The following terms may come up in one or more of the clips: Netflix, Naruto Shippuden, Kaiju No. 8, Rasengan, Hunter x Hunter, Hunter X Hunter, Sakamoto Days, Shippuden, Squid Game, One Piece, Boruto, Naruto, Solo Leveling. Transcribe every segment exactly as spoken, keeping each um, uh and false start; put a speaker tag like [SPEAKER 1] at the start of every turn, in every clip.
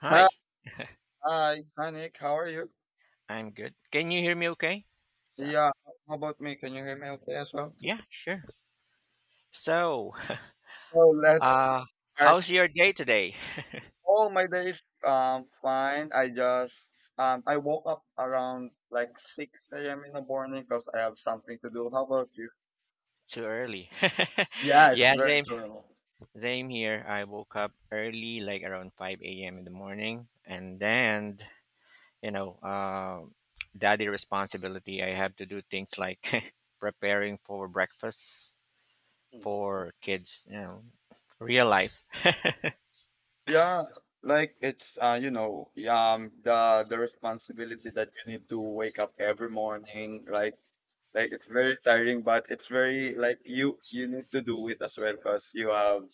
[SPEAKER 1] Hi,
[SPEAKER 2] Hi, hi, hi, Nick. How are you?
[SPEAKER 1] I'm good. Can you hear me okay? So,
[SPEAKER 2] Yeah, how about me? Can you hear me okay as well?
[SPEAKER 1] yeah, sure. So,
[SPEAKER 2] So let's
[SPEAKER 1] uh,
[SPEAKER 2] start.
[SPEAKER 1] How's your day today?
[SPEAKER 2] All my days, um, fine. I just, um, I woke up around like six a m in the morning because I have something to do. How about you?
[SPEAKER 1] Too early.
[SPEAKER 2] Yeah, it's
[SPEAKER 1] yeah,
[SPEAKER 2] very
[SPEAKER 1] Same,
[SPEAKER 2] true.
[SPEAKER 1] same here. I woke up early, like around five a m in the morning, and then, you know, uh, daddy responsibility. I have to do things like preparing for breakfast for kids, you know, real life.
[SPEAKER 2] Yeah, like it's uh you know, um the the responsibility that you need to wake up every morning, like like it's very tiring, but it's very like you you need to do it as well because you have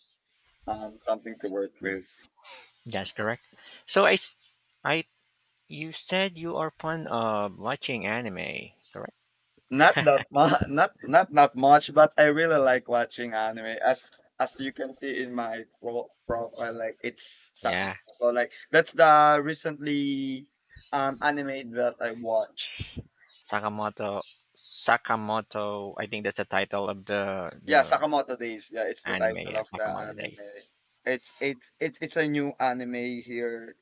[SPEAKER 2] um something to work with.
[SPEAKER 1] That's correct. So I, s- I you said you are fond of watching anime, correct?
[SPEAKER 2] Not that much, not not that much, but I really like watching anime. As as you can see in my pro- profile, like it's
[SPEAKER 1] Yeah,
[SPEAKER 2] Sakako. Like that's the recently um anime that I watch.
[SPEAKER 1] Sakamoto, Sakamoto. I think that's the title of the
[SPEAKER 2] Yeah,
[SPEAKER 1] the
[SPEAKER 2] Sakamoto Days. Yeah, it's the
[SPEAKER 1] anime.
[SPEAKER 2] title
[SPEAKER 1] Yeah,
[SPEAKER 2] of the
[SPEAKER 1] Sakamoto
[SPEAKER 2] anime.
[SPEAKER 1] Days.
[SPEAKER 2] It's it's it it's a new anime here,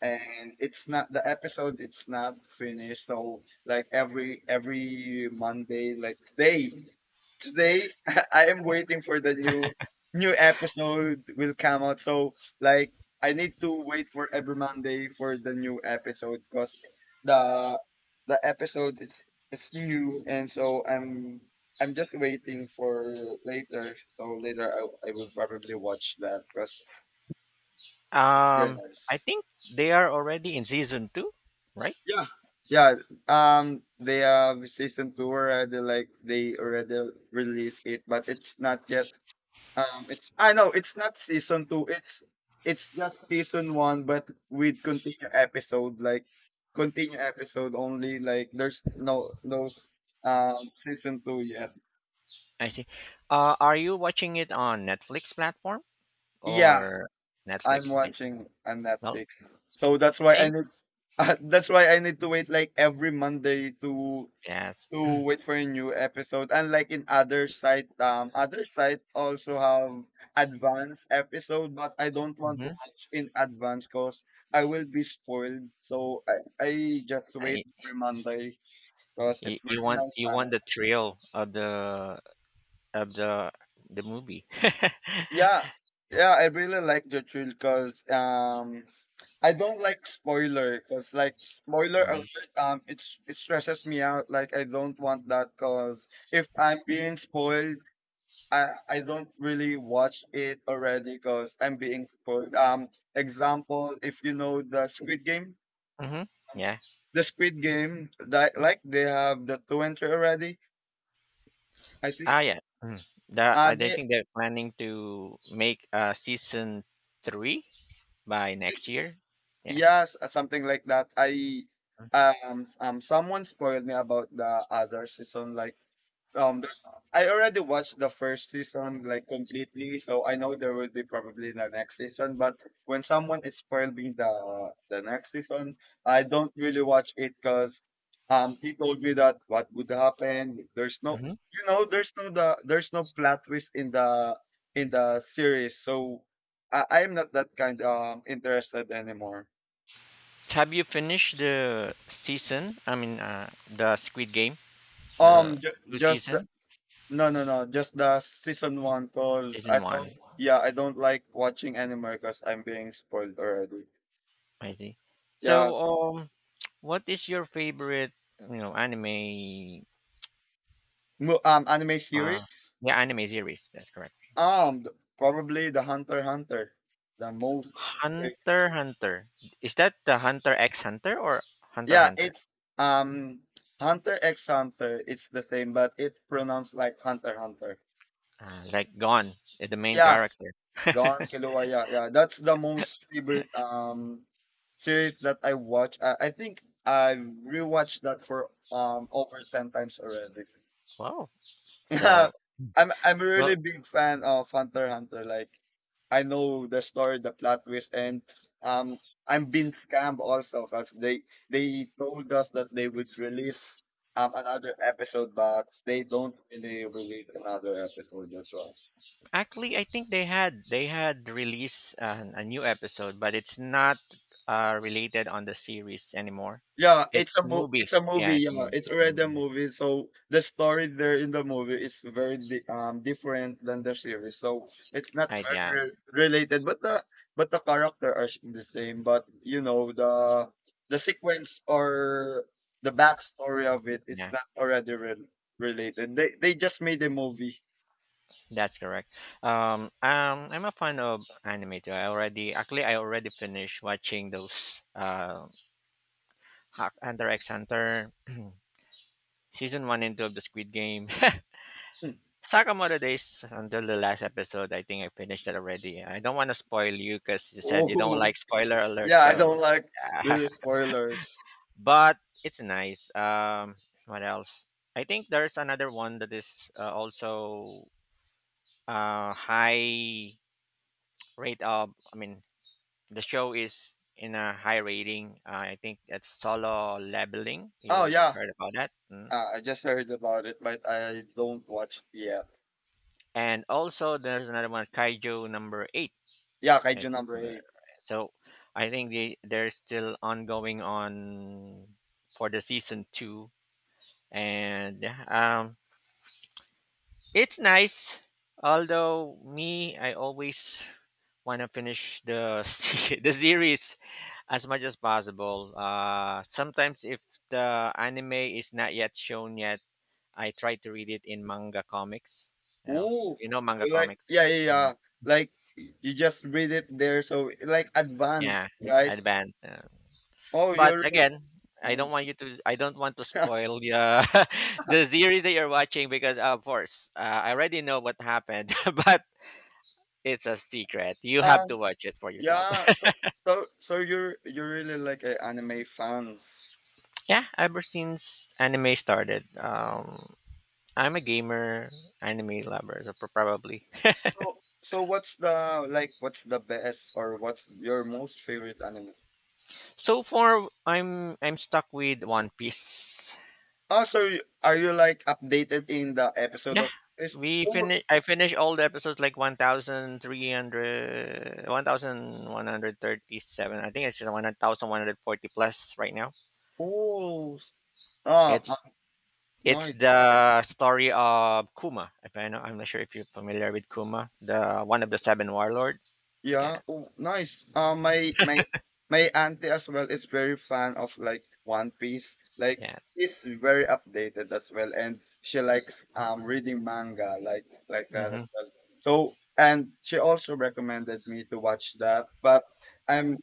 [SPEAKER 2] and it's not the episode. It's not finished. So like every every Monday, like today, today I am waiting for the new new episode will come out. So like I need to wait for every Monday for the new episode because the the episode is it's new, and so I'm I'm just waiting for later. So later, I, I will probably watch that because it's very
[SPEAKER 1] Um, I
[SPEAKER 2] nice.
[SPEAKER 1] think they are already in season two, right?
[SPEAKER 2] Yeah, yeah. Um, they have season two already. Like they already released it, but it's not yet. Um, it's I know it's not season two. It's it's just season one, but with continue episode. Like continue episode only. Like there's no no um season two yet.
[SPEAKER 1] I see. Uh, are you watching it on Netflix platform
[SPEAKER 2] Yeah,
[SPEAKER 1] or
[SPEAKER 2] I'm
[SPEAKER 1] Netflix? I,
[SPEAKER 2] watching on
[SPEAKER 1] well,
[SPEAKER 2] Netflix. So that's why I
[SPEAKER 1] same.
[SPEAKER 2] need that's why I need to wait like every Monday to
[SPEAKER 1] Yes.
[SPEAKER 2] to wait for a new episode. Unlike in other site, um other site also have advanced episode, but I don't want to
[SPEAKER 1] Mm-hmm.
[SPEAKER 2] watch in advance because I will be spoiled. So I, I just wait
[SPEAKER 1] I,
[SPEAKER 2] every Monday because
[SPEAKER 1] y-
[SPEAKER 2] it's
[SPEAKER 1] you
[SPEAKER 2] very
[SPEAKER 1] want,
[SPEAKER 2] nice
[SPEAKER 1] you want
[SPEAKER 2] anime.
[SPEAKER 1] the thrill of the of the the movie.
[SPEAKER 2] Yeah. Yeah, I really like the thrill because um I don't like spoiler because like spoiler
[SPEAKER 1] Uh-huh.
[SPEAKER 2] alert, um, it's it stresses me out. Like I don't want that because if I'm being spoiled, I I don't really watch it already because I'm being spoiled. Um, example, if you know the Squid Game,
[SPEAKER 1] Mhm. Yeah.
[SPEAKER 2] the Squid Game, that like they have the two entry already. I
[SPEAKER 1] Ah,
[SPEAKER 2] think
[SPEAKER 1] yeah. Mm. The,
[SPEAKER 2] uh
[SPEAKER 1] I don't
[SPEAKER 2] they
[SPEAKER 1] think they're planning to make uh, season three by next year. Yeah.
[SPEAKER 2] yes, uh, something like that. I um s- um someone spoiled me about the other season, like, Um, I already watched the first season like completely, so I know there will be probably the next season. But when someone is spoiling the the next season, I don't really watch it because um he told me that what would happen. There's no,
[SPEAKER 1] Mm-hmm.
[SPEAKER 2] you know, there's no the there's no plot twist in the in the series, so I I'm not that kind um interested anymore.
[SPEAKER 1] Have you finished the season? I mean, uh, the Squid Game, the
[SPEAKER 2] Um, ju-
[SPEAKER 1] two
[SPEAKER 2] just,
[SPEAKER 1] season,
[SPEAKER 2] no, no, no. Just the season one, cause
[SPEAKER 1] season
[SPEAKER 2] I don't.
[SPEAKER 1] one.
[SPEAKER 2] Yeah, I don't like watching anime because I'm being spoiled already.
[SPEAKER 1] I see.
[SPEAKER 2] Yeah,
[SPEAKER 1] So, um, what is your favorite, you know, anime?
[SPEAKER 2] mo- um, anime
[SPEAKER 1] Uh,
[SPEAKER 2] series.
[SPEAKER 1] yeah, anime series. That's correct.
[SPEAKER 2] Um, th- probably the Hunter x Hunter, the most.
[SPEAKER 1] Hunter Hunter. Is that the Hunter X Hunter or Hunter
[SPEAKER 2] Yeah,
[SPEAKER 1] Hunter?
[SPEAKER 2] it's um Hunter X Hunter. It's the same, but it's pronounced like Hunter x Hunter.
[SPEAKER 1] Uh, like gone, uh, the main
[SPEAKER 2] Yeah,
[SPEAKER 1] character.
[SPEAKER 2] Gone Kilua. Yeah, yeah. That's the most favorite um series that I watch. I, I think I rewatched that for um over ten times already.
[SPEAKER 1] Wow.
[SPEAKER 2] Yeah,
[SPEAKER 1] So,
[SPEAKER 2] I'm I'm a
[SPEAKER 1] well,
[SPEAKER 2] really big fan of Hunter x Hunter. Like I know the story, the plot twist, and um I'm being scammed also because they they told us that they would release um another episode, but they don't really release another episode. That's why.
[SPEAKER 1] actually, I think they had they had released an, a new episode, but it's not uh, related on the series anymore.
[SPEAKER 2] Yeah,
[SPEAKER 1] It's
[SPEAKER 2] it's a
[SPEAKER 1] a
[SPEAKER 2] mo-
[SPEAKER 1] movie,
[SPEAKER 2] it's a
[SPEAKER 1] yeah,
[SPEAKER 2] movie.
[SPEAKER 1] it's a
[SPEAKER 2] Yeah,
[SPEAKER 1] movie.
[SPEAKER 2] it's already a
[SPEAKER 1] Um,
[SPEAKER 2] movie. So the story there in the movie is very di- um different than the series. So it's not
[SPEAKER 1] I, yeah,
[SPEAKER 2] very related, but the but the character are s- the same. But you know the the sequence or the backstory of it is
[SPEAKER 1] yeah,
[SPEAKER 2] not already re- related. They they just made a movie.
[SPEAKER 1] that's correct. um, um I'm a fan of anime too. I already, actually, I already finished watching those, uh Hack- Hunter X Hunter, season one and two of the Squid Game,
[SPEAKER 2] Hmm.
[SPEAKER 1] Sakamoto Days, until the last episode. I think I finished it already. I don't want to spoil you because you said you don't
[SPEAKER 2] Oh
[SPEAKER 1] like spoiler alert.
[SPEAKER 2] yeah, I
[SPEAKER 1] So,
[SPEAKER 2] don't like really spoilers.
[SPEAKER 1] but it's nice. Um, what else? I think there's another one that is, uh, also uh high rate of. I mean, the show is in a high rating. Uh, I think it's Solo Leveling.
[SPEAKER 2] Oh
[SPEAKER 1] You
[SPEAKER 2] yeah,
[SPEAKER 1] heard about that? Mm.
[SPEAKER 2] uh, I just heard about it, but I don't watch it yet.
[SPEAKER 1] And also there's another one, Kaiju Number Eight.
[SPEAKER 2] Yeah,
[SPEAKER 1] If
[SPEAKER 2] Kaiju number
[SPEAKER 1] familiar,
[SPEAKER 2] eight.
[SPEAKER 1] right? So I think they they're still ongoing on for the season two, and um, it's nice. Although me, I always want to finish the se- the series as much as possible. Uh, sometimes if the anime is not yet shown yet, I try to read it in manga comics. You know,
[SPEAKER 2] Ooh,
[SPEAKER 1] you know manga
[SPEAKER 2] you like
[SPEAKER 1] comics?
[SPEAKER 2] yeah, yeah,
[SPEAKER 1] Mhm.
[SPEAKER 2] yeah. Like y- you just read it there, so like advanced,
[SPEAKER 1] Yeah,
[SPEAKER 2] right?
[SPEAKER 1] advanced. uh,
[SPEAKER 2] Oh,
[SPEAKER 1] But
[SPEAKER 2] you're real-
[SPEAKER 1] again, I don't
[SPEAKER 2] Mm.
[SPEAKER 1] want you to. I don't want to spoil the, uh, the series that you're watching because, of course, uh, I already know what happened. But it's a secret. You have to
[SPEAKER 2] um,
[SPEAKER 1] watch it for yourself.
[SPEAKER 2] yeah. So, so, so, you're you're really like an anime fan.
[SPEAKER 1] Yeah, ever since anime started, um, I'm a gamer, anime lover, so pro- probably.
[SPEAKER 2] So, so, what's the like? What's the best or what's your most favorite anime?
[SPEAKER 1] So far, I'm I'm stuck with One Piece.
[SPEAKER 2] Oh, so y- are you like updated in the episode
[SPEAKER 1] Yeah.
[SPEAKER 2] of? It's,
[SPEAKER 1] We
[SPEAKER 2] oh,
[SPEAKER 1] finish I finished all the episodes, like one thousand three hundred, one thousand one hundred thirty-seven. I think it's just one thousand one hundred forty plus right now.
[SPEAKER 2] oh, s- ah,
[SPEAKER 1] It's
[SPEAKER 2] ah,
[SPEAKER 1] it's
[SPEAKER 2] nice.
[SPEAKER 1] the story of Kuma. If I know, I'm not sure if you're familiar with Kuma, the one of the seven warlord. Yeah,
[SPEAKER 2] Yeah. Oh, nice. Uh, my my my auntie as well is very fan of like One Piece. Like
[SPEAKER 1] yeah.
[SPEAKER 2] she's very updated as well, and she likes um reading manga like like that
[SPEAKER 1] Hmm.
[SPEAKER 2] as well. So and she also recommended me to watch that. But I'm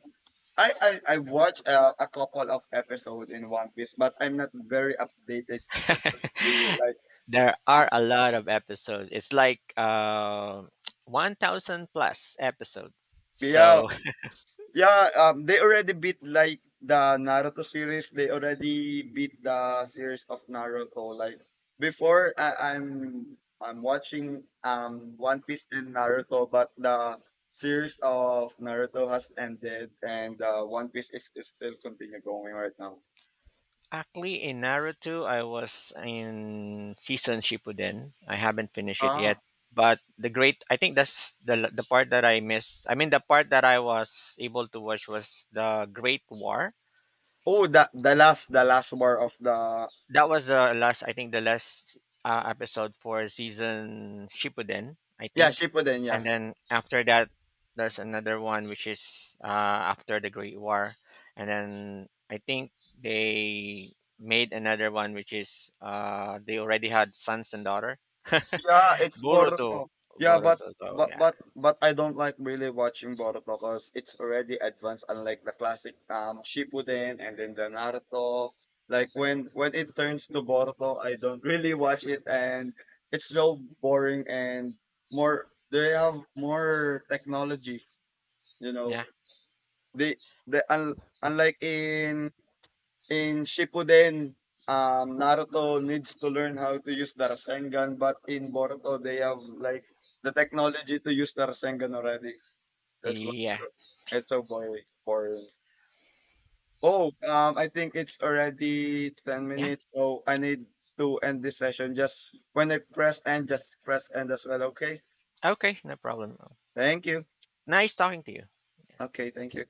[SPEAKER 2] I I I watched uh, a couple of episodes in One Piece, but I'm not very updated just like you. Like
[SPEAKER 1] There
[SPEAKER 2] ah,
[SPEAKER 1] are a lot of episodes. It's like, uh, one thousand plus episodes.
[SPEAKER 2] yeah,
[SPEAKER 1] So
[SPEAKER 2] yeah, um, they already beat like the Naruto series. They already beat the series of Naruto. Like before, I, I'm I'm watching um One Piece and Naruto, but the series of Naruto has ended, and uh, One Piece is, is still continue going right now.
[SPEAKER 1] actually, in Naruto, I was in season Shippuden. I haven't finished it yet,
[SPEAKER 2] Ah,
[SPEAKER 1] but the great I think that's the the part that I missed. I mean, the part that I was able to watch was the Great War.
[SPEAKER 2] oh, the the last the last war of the,
[SPEAKER 1] That was the last, I think the last, uh, episode for season Shippuden, I
[SPEAKER 2] yeah,
[SPEAKER 1] think,
[SPEAKER 2] Shippuden. Yeah.
[SPEAKER 1] and then after that there's another one, which is, uh, after the Great War, and then I think they made another one, which is, uh, they already had sons and daughter.
[SPEAKER 2] Yeah, it's
[SPEAKER 1] Boruto,
[SPEAKER 2] Boruto. Yeah, but
[SPEAKER 1] Boruto, so
[SPEAKER 2] but
[SPEAKER 1] yeah,
[SPEAKER 2] but but I don't like really watching Boruto because it's already advanced, unlike the classic um Shippuden and then the Naruto. Like when when it turns to Boruto, I don't really watch it, and it's so boring and more. They have more technology, you know.
[SPEAKER 1] yeah,
[SPEAKER 2] They they un, unlike in in Shippuden, um, Naruto needs to learn how to use the Rasengan, but in Boruto, they have like the technology to use the Rasengan already. That's why it's
[SPEAKER 1] yeah,
[SPEAKER 2] so, it's so boring. boring. Oh, um, I think it's already ten
[SPEAKER 1] yeah,
[SPEAKER 2] minutes, so I need to end this session. Just when I press end, just press end as well, okay?
[SPEAKER 1] okay, no problem.
[SPEAKER 2] Thank you.
[SPEAKER 1] Nice talking to you.
[SPEAKER 2] Okay, thank you.